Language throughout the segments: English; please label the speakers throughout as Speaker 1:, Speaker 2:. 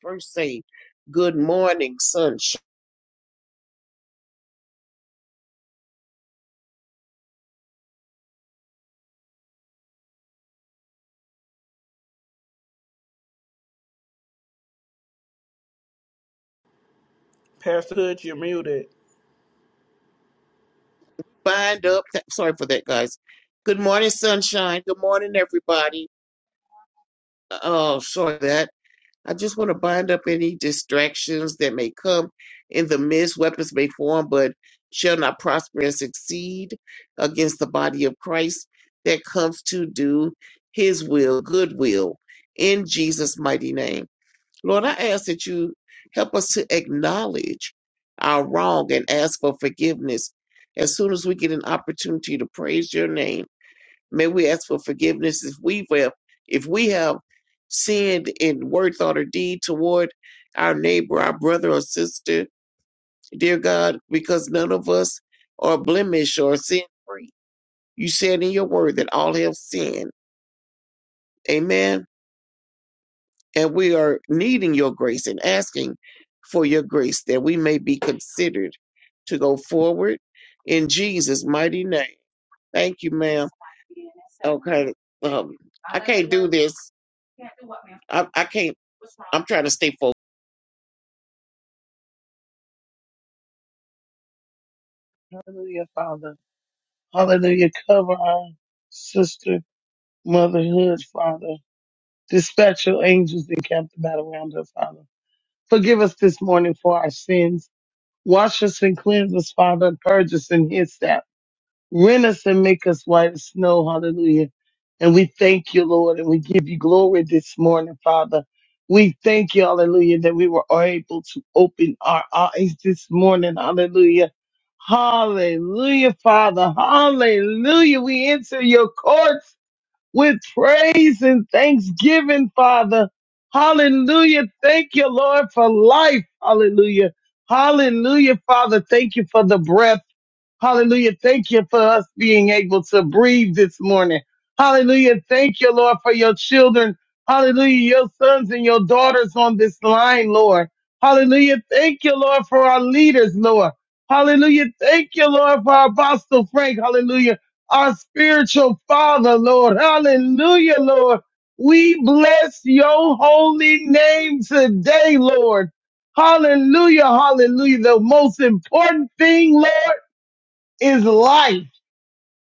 Speaker 1: first say, Good morning, sunshine. Bind up. Th- sorry for that, guys. Good morning, sunshine. Good morning, everybody. Oh, sorry for that. I just want to bind up any distractions that may come in the midst. Weapons may form, but shall not prosper and succeed against the body of Christ that comes to do his will, good will, in Jesus' mighty name. Lord, I ask that you help us to acknowledge our wrong and ask for forgiveness. As soon as we get an opportunity to praise your name, may we ask for forgiveness if we have if we have sinned in word, thought, or deed toward our neighbor, our brother or sister, dear God, because none of us are blemish or sin free. You said in your word that all have sinned. Amen. And we are needing your grace and asking for your grace that we may be considered to go forward in Jesus' mighty name. Thank you, ma'am. Okay. Um, I can't do this. I, I can't. I'm trying to stay focused.
Speaker 2: Hallelujah, Father. Hallelujah. Cover our sister motherhood, Father. Dispatch your angels and camp about around her, Father. Forgive us this morning for our sins. Wash us and cleanse us, Father, and purge us in His sap. Rent us and make us white as snow. Hallelujah. And we thank you, Lord, and we give you glory this morning, Father. We thank you, hallelujah, that we were able to open our eyes this morning. Hallelujah. Hallelujah, Father. Hallelujah. We enter your courts with praise and thanksgiving, Father. Hallelujah. Thank you, Lord, for life. Hallelujah. Hallelujah, Father. Thank you for the breath. Hallelujah. Thank you for us being able to breathe this morning. Hallelujah. Thank you, Lord, for your children. Hallelujah. Your sons and your daughters on this line, Lord. Hallelujah. Thank you, Lord, for our leaders, Lord. Hallelujah. Thank you, Lord, for our Apostle Frank. Hallelujah. Our spiritual father, Lord. Hallelujah, Lord. We bless your holy name today, Lord. Hallelujah. Hallelujah. The most important thing, Lord is life.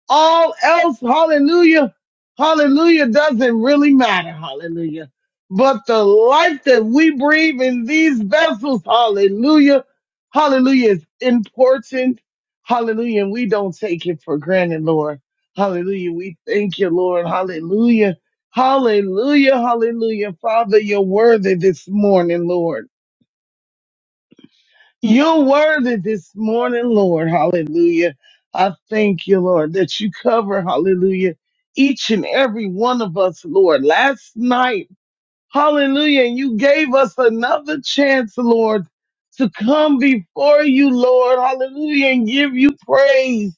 Speaker 2: All else, hallelujah, hallelujah, doesn't really matter, hallelujah. But the life that we breathe in these vessels, hallelujah, hallelujah, is important, hallelujah, and we don't take it for granted, Lord. Hallelujah, we thank you, Lord, hallelujah, hallelujah, hallelujah. Father, you're worthy this morning, Lord. You're worthy this morning, Lord. Hallelujah. I thank you, Lord, that you cover, hallelujah, each and every one of us, Lord. Last night, hallelujah, and you gave us another chance, Lord, to come before you, Lord, hallelujah, and give you praise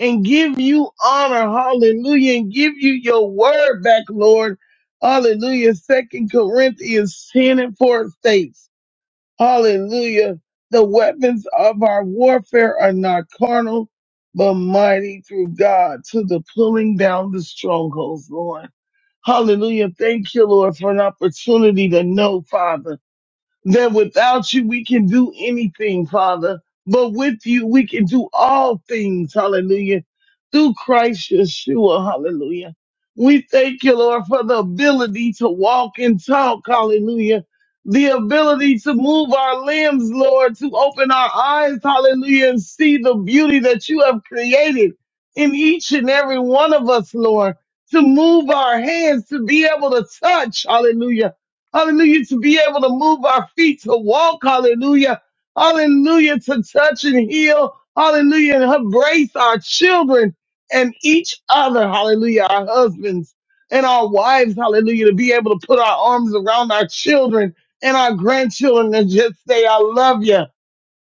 Speaker 2: and give you honor, hallelujah, and give you your word back, Lord. Hallelujah. Second Corinthians 10 and 4 states. Hallelujah. The weapons of our warfare are not carnal, but mighty through God to the pulling down the strongholds, Lord. Hallelujah. Thank you, Lord, for an opportunity to know, Father that without you we can do anything, Father, but with you we can do all things, hallelujah, through Christ Yeshua, hallelujah. We thank you, Lord, for the ability to walk and talk, hallelujah. The ability to move our limbs, Lord, to open our eyes, hallelujah, and see the beauty that you have created in each and every one of us, Lord, to move our hands, to be able to touch, hallelujah Hallelujah. To be able to move our feet, to walk. Hallelujah. Hallelujah. To touch and heal. Hallelujah. And embrace our children and each other. Hallelujah. Our husbands and our wives. Hallelujah. To be able to put our arms around our children and our grandchildren and just say, I love you.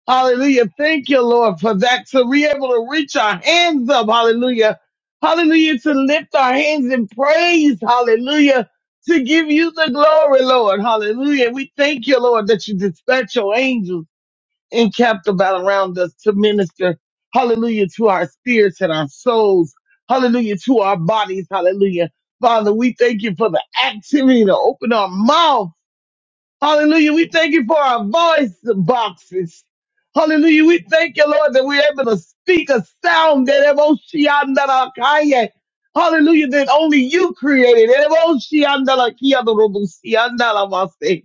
Speaker 2: Hallelujah. Thank you, Lord, for that. To be able to reach our hands up. Hallelujah. Hallelujah. To lift our hands in praise. Hallelujah. To give you the glory, Lord. Hallelujah. We thank you, Lord, that you dispatch your angels encamped about around us to minister. Hallelujah. To our spirits and our souls. Hallelujah. To our bodies. Hallelujah. Father, we thank you for the activity to open our mouth. Hallelujah. We thank you for our voice boxes. Hallelujah. We thank you, Lord, that we're able to speak a sound that Evoshiandarakaye. Hallelujah, that only you created. Evoshiandarakiyadorubusiyandaramase.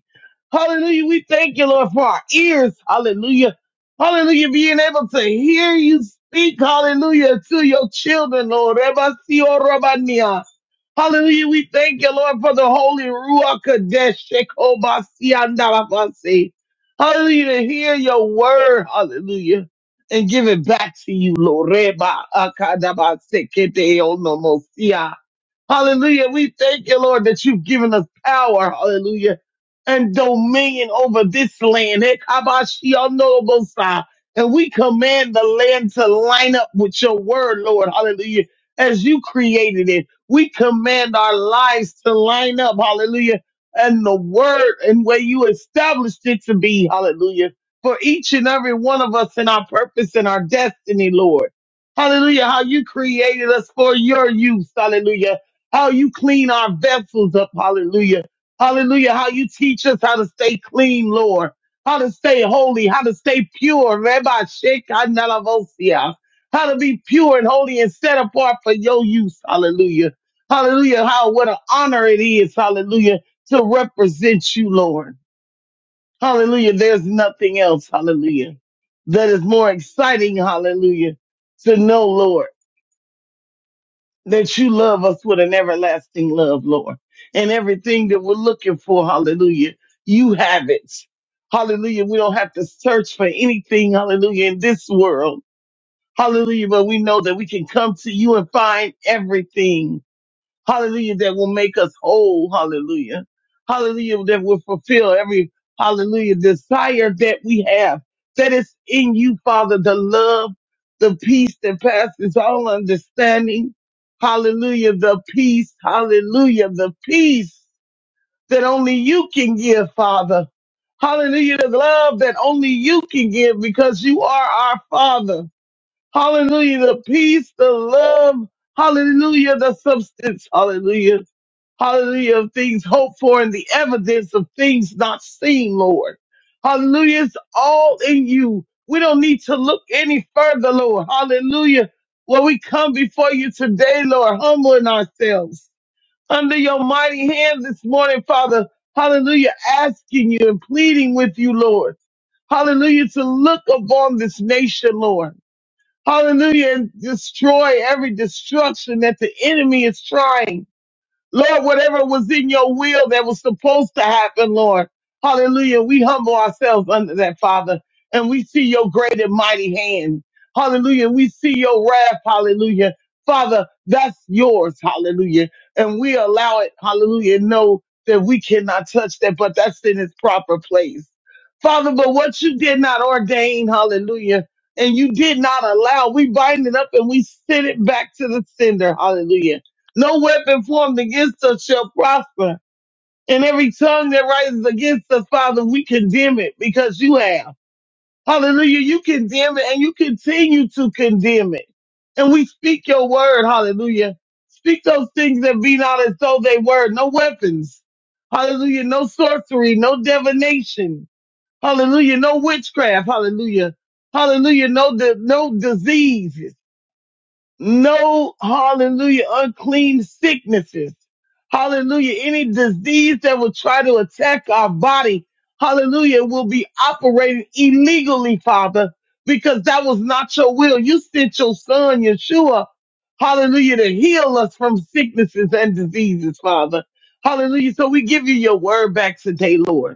Speaker 2: Hallelujah. We thank you, Lord, for our ears. Hallelujah. Hallelujah. Being able to hear you speak. Hallelujah. To your children, Lord. Evasiorobania. Hallelujah. We thank you, Lord, for the Holy Ruach Kadesh. Shekobasia Hallelujah. To hear your word. Hallelujah. And give it back to you, Lord. Reba akadabase kete onomosia. Hallelujah. We thank you, Lord, that you've given us power. Hallelujah. And dominion over this land. Hekabashionorobosai. And we command the land to line up with your word, Lord. Hallelujah. As you created it, we command our lives to line up. Hallelujah. And the word and where you established it to be. Hallelujah. For each and every one of us and our purpose and our destiny, Lord. Hallelujah. How you created us for your use. Hallelujah how you clean our vessels up. Hallelujah. Hallelujah. How you teach us how to stay clean, Lord. How to stay holy, how to stay pure. Rabbi Sheikh Analavosia. How to be pure and holy and set apart for your use. Hallelujah. Hallelujah. How what an honor it is. Hallelujah. To represent you, Lord. Hallelujah. There's nothing else. Hallelujah. That is more exciting. Hallelujah. To know, Lord that you love us with an everlasting love, Lord. And everything that we're looking for, hallelujah, you have it. Hallelujah. We don't have to search for anything, hallelujah, in this world. Hallelujah. But we know that we can come to you and find everything. Hallelujah, that will make us whole. Hallelujah. Hallelujah, that will fulfill every hallelujah desire that we have. That is in you, Father, the love, the peace that passes all understanding. Hallelujah, the peace. Hallelujah, the peace that only you can give, Father. Hallelujah, the love that only you can give because you are our Father. Hallelujah, the peace, the love. Hallelujah, the substance. Hallelujah Hallelujah. Of things hoped for and the evidence of things not seen, Lord. Hallelujah. It's all in you. We don't need to look any further, Lord. Hallelujah. Well, we come before you today, Lord, humbling ourselves under your mighty hand this morning, Father. Hallelujah. Asking you and pleading with you, Lord. Hallelujah. To look upon this nation, Lord. Hallelujah. And destroy every destruction that the enemy is trying. Lord, whatever was in your will that was supposed to happen, Lord. Hallelujah. We humble ourselves under that, Father, and we see your great and mighty hand. Hallelujah. We see your wrath. Hallelujah. Father, that's yours. Hallelujah. And we allow it. Hallelujah. Know that we cannot touch that, but that's in its proper place. Father, but what you did not ordain, hallelujah, and you did not allow, we bind it up and we send it back to the sender. Hallelujah. No weapon formed against us shall prosper. And every tongue that rises against us, Father, we condemn it because you have. Hallelujah. You condemn it and you continue to condemn it. And we speak your word. Hallelujah. Speak those things that be not as though they were. No weapons. Hallelujah. No sorcery. No divination. Hallelujah. No witchcraft. Hallelujah. Hallelujah. No, di- no disease no hallelujah unclean sicknesses hallelujah any disease that will try to attack our body hallelujah will be operating illegally father because that was not your will you sent your son yeshua hallelujah to heal us from sicknesses and diseases father hallelujah so we give you your word back today lord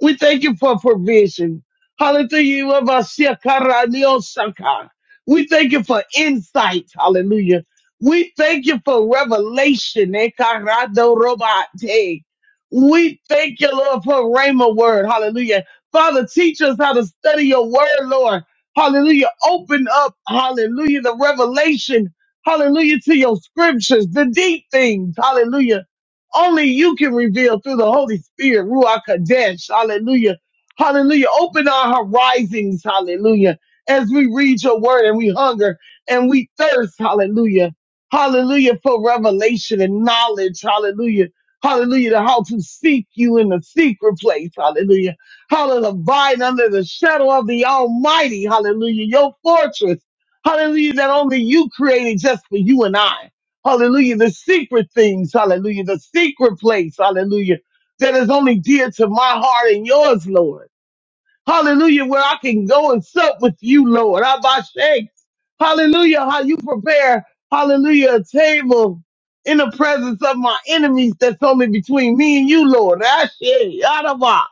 Speaker 2: we thank you for provision. Hallelujah. Yabasiakaraniosaka. We thank you for insight. Hallelujah. We thank you for revelation. Ekaradorobate. We thank you, Lord, for Rhema word. Hallelujah. Father, teach us how to study your word, Lord. Hallelujah. Open up, hallelujah, the revelation. Hallelujah to your scriptures, the deep things. Hallelujah. Only you can reveal through the Holy Spirit, Ruach Kadesh. Hallelujah. Hallelujah. Open our horizons. Hallelujah. As we read your word and we hunger and we thirst. Hallelujah. Hallelujah for revelation and knowledge. Hallelujah. Hallelujah to how to seek you in the secret place. Hallelujah. How to abide under the shadow of the Almighty. Hallelujah. Your fortress. Hallelujah that only you created just for you and I. Hallelujah. The secret things. Hallelujah. The secret place. Hallelujah. That is only dear to my heart and yours, Lord. Hallelujah, where I can go and sup with you, Lord. Abba Shake. Hallelujah, how you prepare, hallelujah, a table in the presence of my enemies that's only between me and you, Lord. Ashe, Adaba.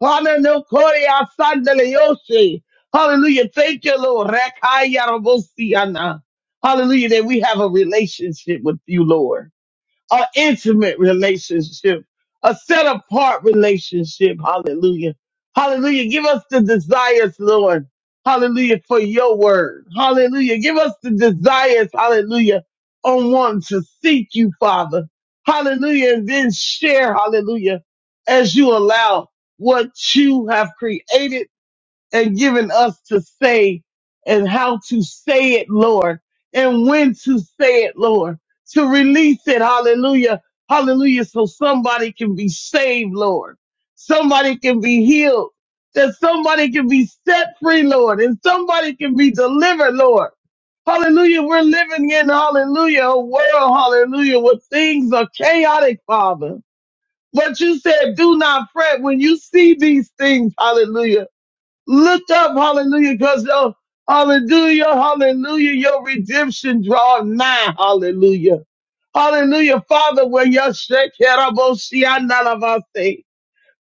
Speaker 2: Hallelujah, Korea, Sandele, Yoshe. Hallelujah, thank you, Lord. Rakaya, Rabosi, Ana. Hallelujah, that we have a relationship with you, Lord an intimate relationship, a set apart relationship. Hallelujah. Hallelujah. Give us the desires, Lord. Hallelujah. For your word. Hallelujah. Give us the desires. Hallelujah. On one to seek you, Father. Hallelujah. And then share. Hallelujah. As you allow what you have created and given us to say and how to say it, Lord, and when to say it, Lord, to release it. Hallelujah. Hallelujah. So somebody can be saved, Lord. Somebody can be healed. That somebody can be set free, Lord, and somebody can be delivered, Lord. Hallelujah. We're living in, hallelujah, a world, hallelujah, where things are chaotic, Father. But you said, do not fret when you see these things. Hallelujah Look up, hallelujah, because oh, hallelujah, hallelujah, your redemption draw nigh, hallelujah. Hallelujah, Father, where your shekerabosianalavase.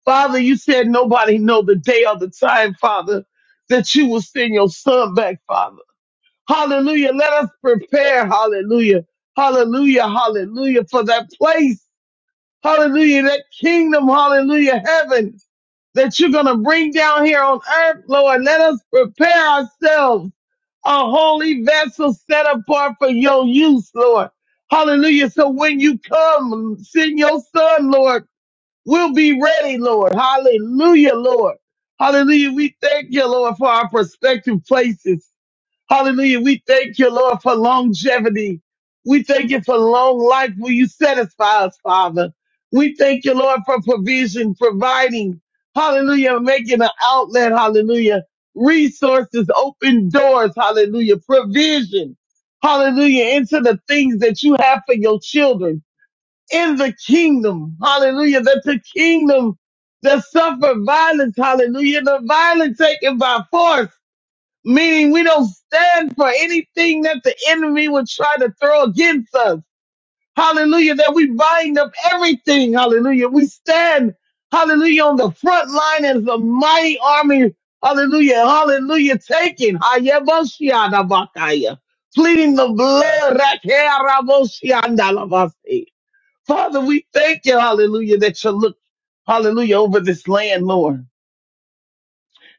Speaker 2: Father, you said nobody know the day or the time, Father, that you will send your son back, Father. Hallelujah, let us prepare, hallelujah, hallelujah, hallelujah, for that place Hallelujah. That kingdom, hallelujah, heaven that you're going to bring down here on earth, Lord. Let us prepare ourselves a holy vessel set apart for your use, Lord. Hallelujah. So when you come, send your son, Lord. We'll be ready, Lord. Hallelujah, Lord. Hallelujah. We thank you, Lord, for our prospective places. Hallelujah. We thank you, Lord, for longevity. We thank you for long life. Will you satisfy us, Father? We thank you, Lord, for provision, providing. Hallelujah. Making an outlet. Hallelujah. Resources, open doors. Hallelujah. Provision. Hallelujah. Into the things that you have for your children in the kingdom. Hallelujah. That the kingdom that suffer violence. Hallelujah. The violence taken by force meaning we don't stand for anything that the enemy would try to throw against us. Hallelujah, that we bind up everything. Hallelujah. We stand, hallelujah, on the front line as a mighty army. Hallelujah, hallelujah, taking. Hayabashiadabakaya. Pleading the blood. Rakearaboshiandalabasi. Father, we thank you, hallelujah, that you look, hallelujah, over this land, Lord.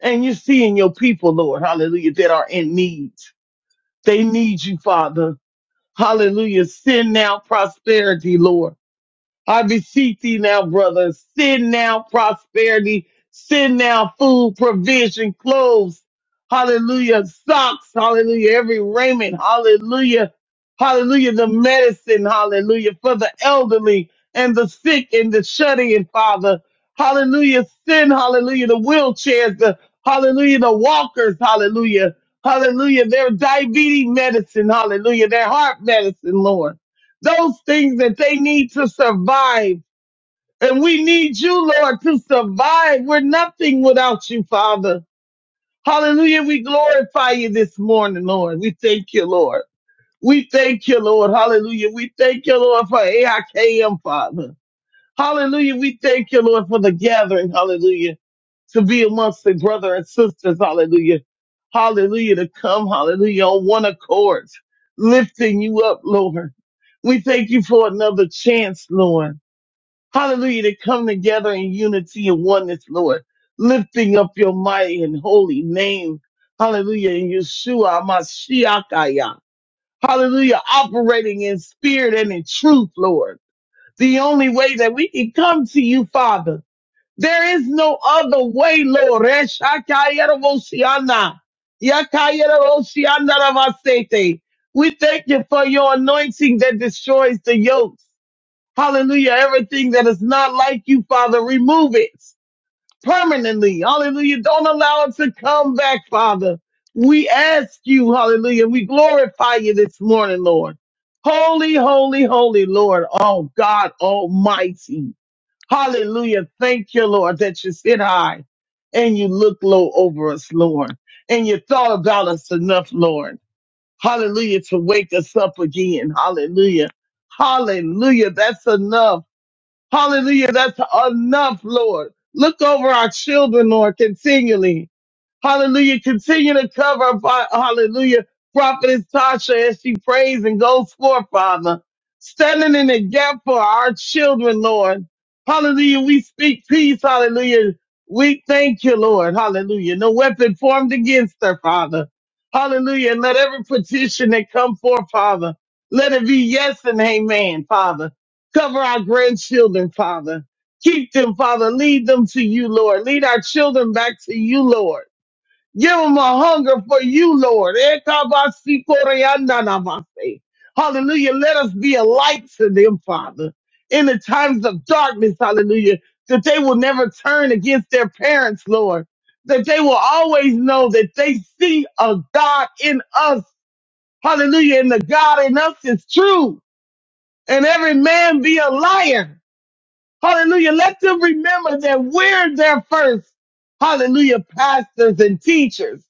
Speaker 2: And you're seeing your people, Lord, hallelujah, that are in need. They need you, Father. Hallelujah. Send now prosperity, Lord. I beseech thee now, brother, send now prosperity, send now food, provision, clothes, hallelujah, socks, hallelujah, every raiment, hallelujah, hallelujah, the medicine, hallelujah, for the elderly and the sick and the shut in, Father, hallelujah, send, hallelujah, the wheelchairs, the hallelujah, the walkers, hallelujah, hallelujah, their diabetes medicine, hallelujah, their heart medicine, Lord those things that they need to survive. And we need you, Lord, to survive. We're nothing without you, Father. Hallelujah. We glorify you this morning, Lord. We thank you, Lord. We thank you, Lord. Hallelujah. We thank you, Lord, for AIKM, Father. Hallelujah. We thank you, Lord, for the gathering. Hallelujah to be amongst the brother and sisters. Hallelujah. Hallelujah. To come, hallelujah, on one accord, lifting you up, Lord. We thank you for another chance, Lord. Hallelujah. To come together in unity and oneness, Lord, lifting up your mighty and holy name. Hallelujah. In Yeshua, Mashiachaya. Hallelujah. Operating in spirit and in truth, Lord. The only way that we can come to you, Father. There is no other way, Lord. Reshakayerosiana. Yakayerosiana ravasete. We thank you for your anointing that destroys the yokes. Hallelujah. Everything that is not like you, Father, remove it permanently. Hallelujah. Don't allow it to come back, Father. We ask you, hallelujah. We glorify you this morning, Lord. Holy, holy, holy, Lord. Oh God Almighty. Hallelujah. Thank you, Lord, that you sit high and you look low over us, Lord, and you thought about us enough, Lord. Hallelujah, to wake us up again. Hallelujah. Hallelujah. That's enough. Hallelujah. That's enough, Lord. Look over our children, Lord, continually. Hallelujah. Continue to cover, Fa- hallelujah, prophetess Tasha as she prays and goes forth, Father. Standing in the gap for our children, Lord. Hallelujah. We speak peace. Hallelujah. We thank you, Lord. Hallelujah. No weapon formed against her, Father. Hallelujah. And let every petition that come forth, Father, let it be yes and amen, Father. Cover our grandchildren, Father. Keep them, Father. Lead them to you, Lord. Lead our children back to you, Lord. Give them a hunger for you, Lord. Ekabasikoriandanamase. Hallelujah. Let us be a light to them, Father, in the times of darkness. Hallelujah. That they will never turn against their parents, Lord. That they will always know that they see a God in us. Hallelujah. And the God in us is true. And every man be a liar. Hallelujah. Let them remember that we're their first. Hallelujah. Pastors and teachers.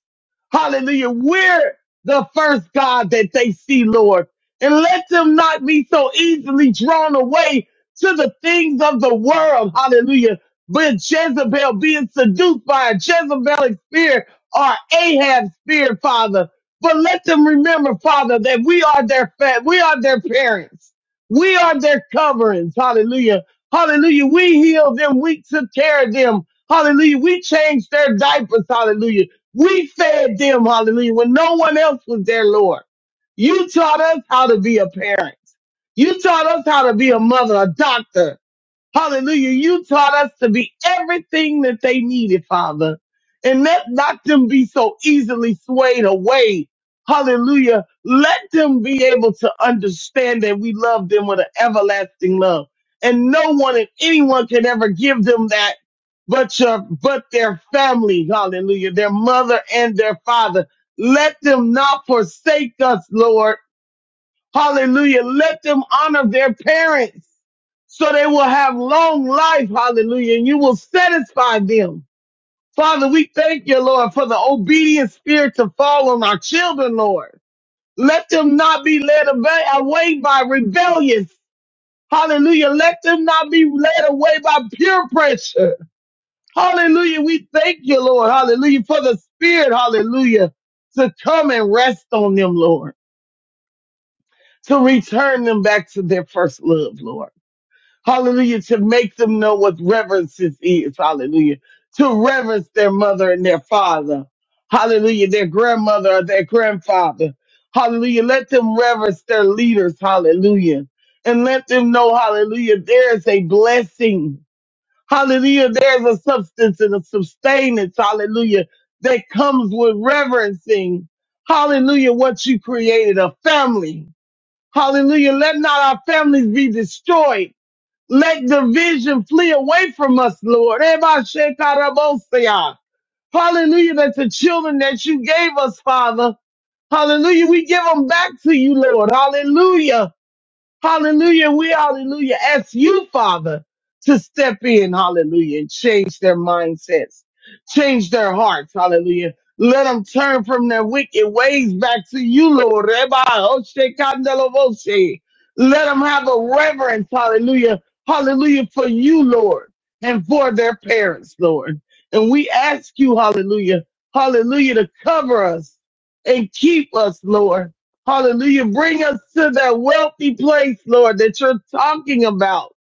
Speaker 2: Hallelujah. We're the first God that they see, Lord. And let them not be so easily drawn away to the things of the world. Hallelujah. But Jezebel being seduced by a Jezebelic spirit or Ahab spirit, Father. But let them remember, Father, that we are their fa- we are their parents. We are their coverings. Hallelujah. Hallelujah. We healed them. We took care of them. Hallelujah. We changed their diapers. Hallelujah. We fed them, hallelujah, when no one else was there, Lord. You taught us how to be a parent. You taught us how to be a mother, a doctor. Hallelujah. You taught us to be everything that they needed, Father. And let not them be so easily swayed away. Hallelujah. Let them be able to understand that we love them with an everlasting love. And no one and anyone can ever give them that but your but their family. Hallelujah. Their mother and their father. Let them not forsake us, Lord. Hallelujah. Let them honor their parents so they will have long life. Hallelujah. And you will satisfy them. Father, we thank you, Lord, for the obedient spirit to fall on our children, Lord. Let them not be led away away by rebellious. Hallelujah. Let them not be led away by peer pressure. Hallelujah. We thank you, Lord. Hallelujah. For the spirit, hallelujah, to come and rest on them, Lord, to return them back to their first love, Lord. Hallelujah. To make them know what reverence is. is. Hallelujah. To reverence their mother and their father. Hallelujah. Their grandmother or their grandfather. Hallelujah. Let them reverence their leaders. Hallelujah. And let them know, hallelujah, there is a blessing. Hallelujah. There's a substance and a sustenance. Hallelujah. That comes with reverencing. Hallelujah. What you created, a family. Hallelujah. Let not our families be destroyed. Let division flee away from us, Lord. Eba shekarabosia. Hallelujah, that the children that you gave us, Father, hallelujah, we give them back to you, Lord. Hallelujah. Hallelujah. We, hallelujah, ask you, Father, to step in, hallelujah, and change their mindsets, change their hearts, hallelujah. Let them turn from their wicked ways back to you, Lord. Reba, Oshe, Kandelo, Oshe. Let them have a reverence, hallelujah, hallelujah, for you, Lord, and for their parents, Lord. And we ask you, hallelujah, hallelujah, to cover us and keep us, Lord. Hallelujah. Bring us to that wealthy place, Lord, that you're talking about.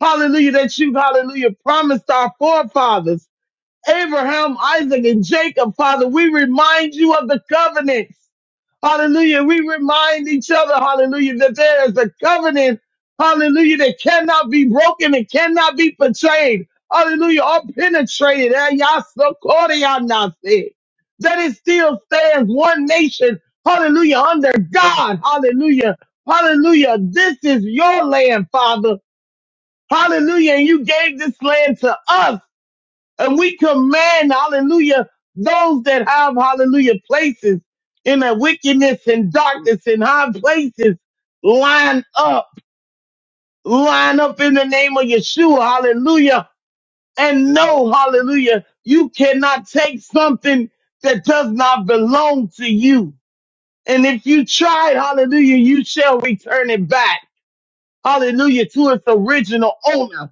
Speaker 2: Hallelujah. That you, hallelujah, promised our forefathers. Abraham, Isaac, and Jacob, Father, we remind you of the covenant. Hallelujah. We remind each other, hallelujah, that there is a covenant, hallelujah, that cannot be broken and cannot be betrayed. Hallelujah, or penetrated. Eh, yah, so called, yah, not said. That it still stands one nation, hallelujah, under God. Hallelujah. Hallelujah. This is your land, Father. Hallelujah. And you gave this land to us. And we command, hallelujah, those that have, hallelujah, places in the wickedness and darkness and high places, line up, line up in the name of Yeshua, hallelujah. And know, hallelujah, you cannot take something that does not belong to you. And if you try it, hallelujah, you shall return it back, hallelujah, to its original owner.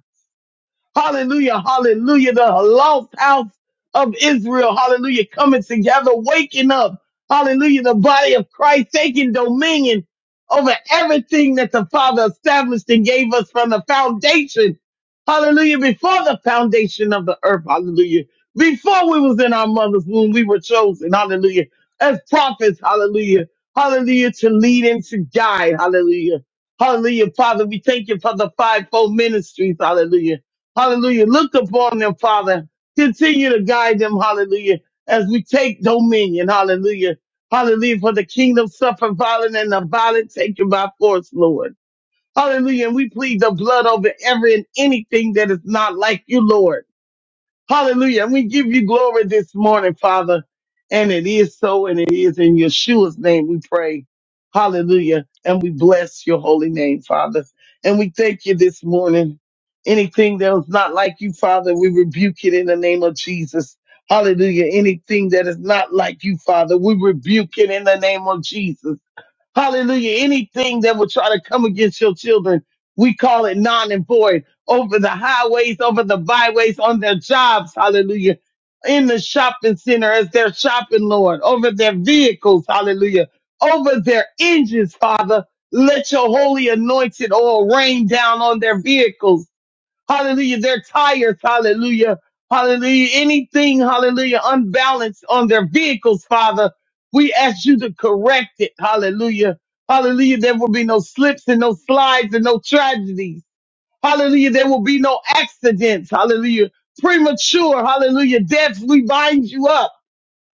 Speaker 2: Hallelujah. Hallelujah. The lost house of Israel. Hallelujah. Coming together, waking up. Hallelujah. The body of Christ taking dominion over everything that the Father established and gave us from the foundation. Hallelujah. Before the foundation of the earth. Hallelujah. Before we was in our mother's womb, we were chosen. Hallelujah. As prophets. Hallelujah. Hallelujah. To lead and to guide. Hallelujah. Hallelujah. Father, we thank you for the fivefold ministries. Hallelujah. Hallelujah. Look upon them, Father. Continue to guide them. Hallelujah. As we take dominion. Hallelujah. Hallelujah. For the kingdom suffer violence and the violent take it by force, Lord. Hallelujah. And we plead the blood over every and anything that is not like you, Lord. Hallelujah. And we give you glory this morning, Father. And it is so, and it is in Yeshua's name we pray. Hallelujah. And we bless your holy name, Father. And we thank you this morning. Anything that is not like you, Father, we rebuke it in the name of Jesus. Hallelujah. Anything that is not like you, Father, we rebuke it in the name of Jesus. Hallelujah. Anything that will try to come against your children, we call it non and void over the highways, over the byways, on their jobs. Hallelujah. In the shopping center as they're shopping, Lord, over their vehicles. Hallelujah. Over their engines, Father. Let your holy anointed oil rain down on their vehicles Hallelujah. Their tires. Hallelujah. Hallelujah. Anything. Hallelujah. Unbalanced on their vehicles, Father. We ask you to correct it. Hallelujah. Hallelujah. There will be no slips and no slides and no tragedies. Hallelujah. There will be no accidents. Hallelujah. Premature. Hallelujah. Death, we bind you up.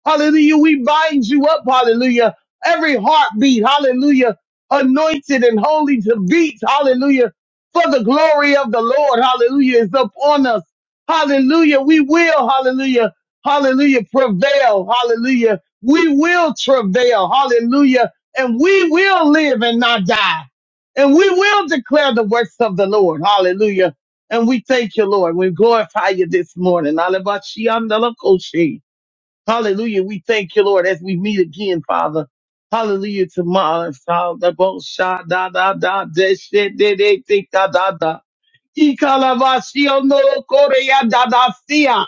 Speaker 2: Hallelujah. We bind you up. Hallelujah. Every heartbeat. Hallelujah. Anointed and holy to beat. Hallelujah. For the glory of the Lord. Hallelujah is upon us. Hallelujah. We will. Hallelujah. Hallelujah. Prevail. Hallelujah. We will travail. Hallelujah. And we will live and not die. And we will declare the works of the Lord. Hallelujah. And we thank you, Lord. We glorify you this morning. Hallelujah. Hallelujah. We thank you, Lord, as we meet again, Father. Hallelujah. Tomorrow, Father, both shot, da, da, da, de, shit, de, de, de, da, da, da. Ikalavasio no korea da, da, sia.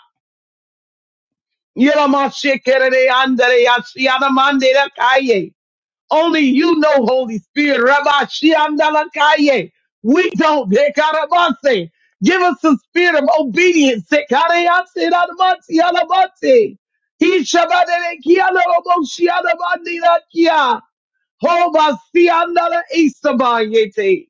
Speaker 2: Yeramashe kerere andere, yasiana da mande, da, kaye. Only you know, Holy Spirit. Rabbi Shiamdalakaye. We don't. Dekarabase. Give us the spirit of obedience. Sekareyase Radamasi Alabase. He Shabadere Kialaboshiadabandirakia. Hoba see another Easter Bayete.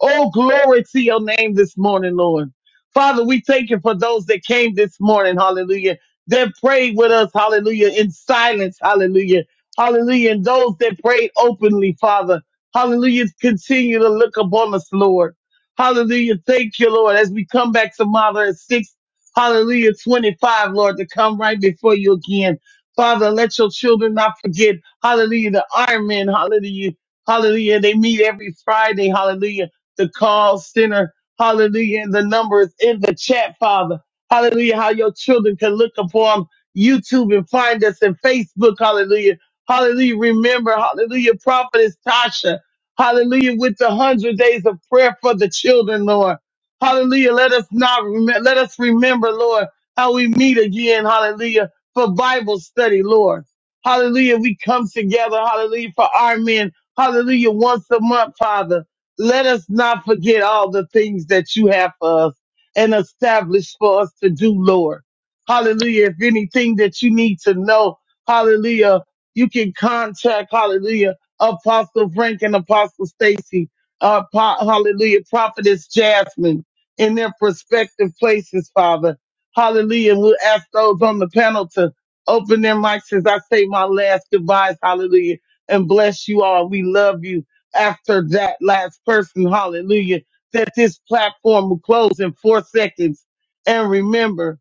Speaker 2: Oh, glory to your name this morning, Lord. Father, we thank you for those that came this morning, hallelujah, that prayed with us, hallelujah, in silence, hallelujah, hallelujah, and those that prayed openly, Father, hallelujah, continue to look upon us, Lord. Hallelujah, thank you, Lord, as we come back to Mother at 6, hallelujah, 25, Lord, to come right before you again. Father, let your children not forget. Hallelujah. The Iron Man. Hallelujah. Hallelujah. They meet every Friday. Hallelujah. The call center. Hallelujah. And the number is in the chat, Father. Hallelujah. How your children can look upon YouTube and find us and Facebook. Hallelujah. Hallelujah. Remember, hallelujah, prophetess Tasha. Hallelujah. With the hundred days of prayer for the children, Lord. Hallelujah. Let us not remember, let us remember, Lord, how we meet again. Hallelujah. For Bible study, Lord. Hallelujah. We come together. Hallelujah. For our men. Hallelujah. Once a month, Father. Let us not forget all the things that you have for us and establish for us to do, Lord. Hallelujah. If anything that you need to know, hallelujah, you can contact, hallelujah, Apostle Frank and Apostle Stacy, uh, po- hallelujah, Prophetess Jasmine in their prospective places, Father. Hallelujah. And we'll ask those on the panel to Open their mics as I say my last goodbyes. Hallelujah. And bless you all. We love you after that last person. Hallelujah. That this platform will close in four seconds. And remember,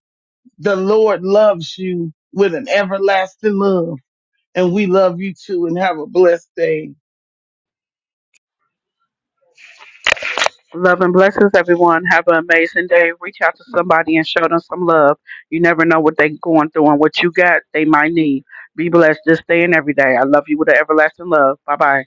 Speaker 2: the Lord loves you with an everlasting love. And we love you too and have a blessed day.
Speaker 3: Love and blessings, everyone. Have an amazing day. Reach out to somebody and show them some love. You never know what they're going through and what you got they might need. Be blessed this day and every day. I love you with an everlasting love. Bye bye.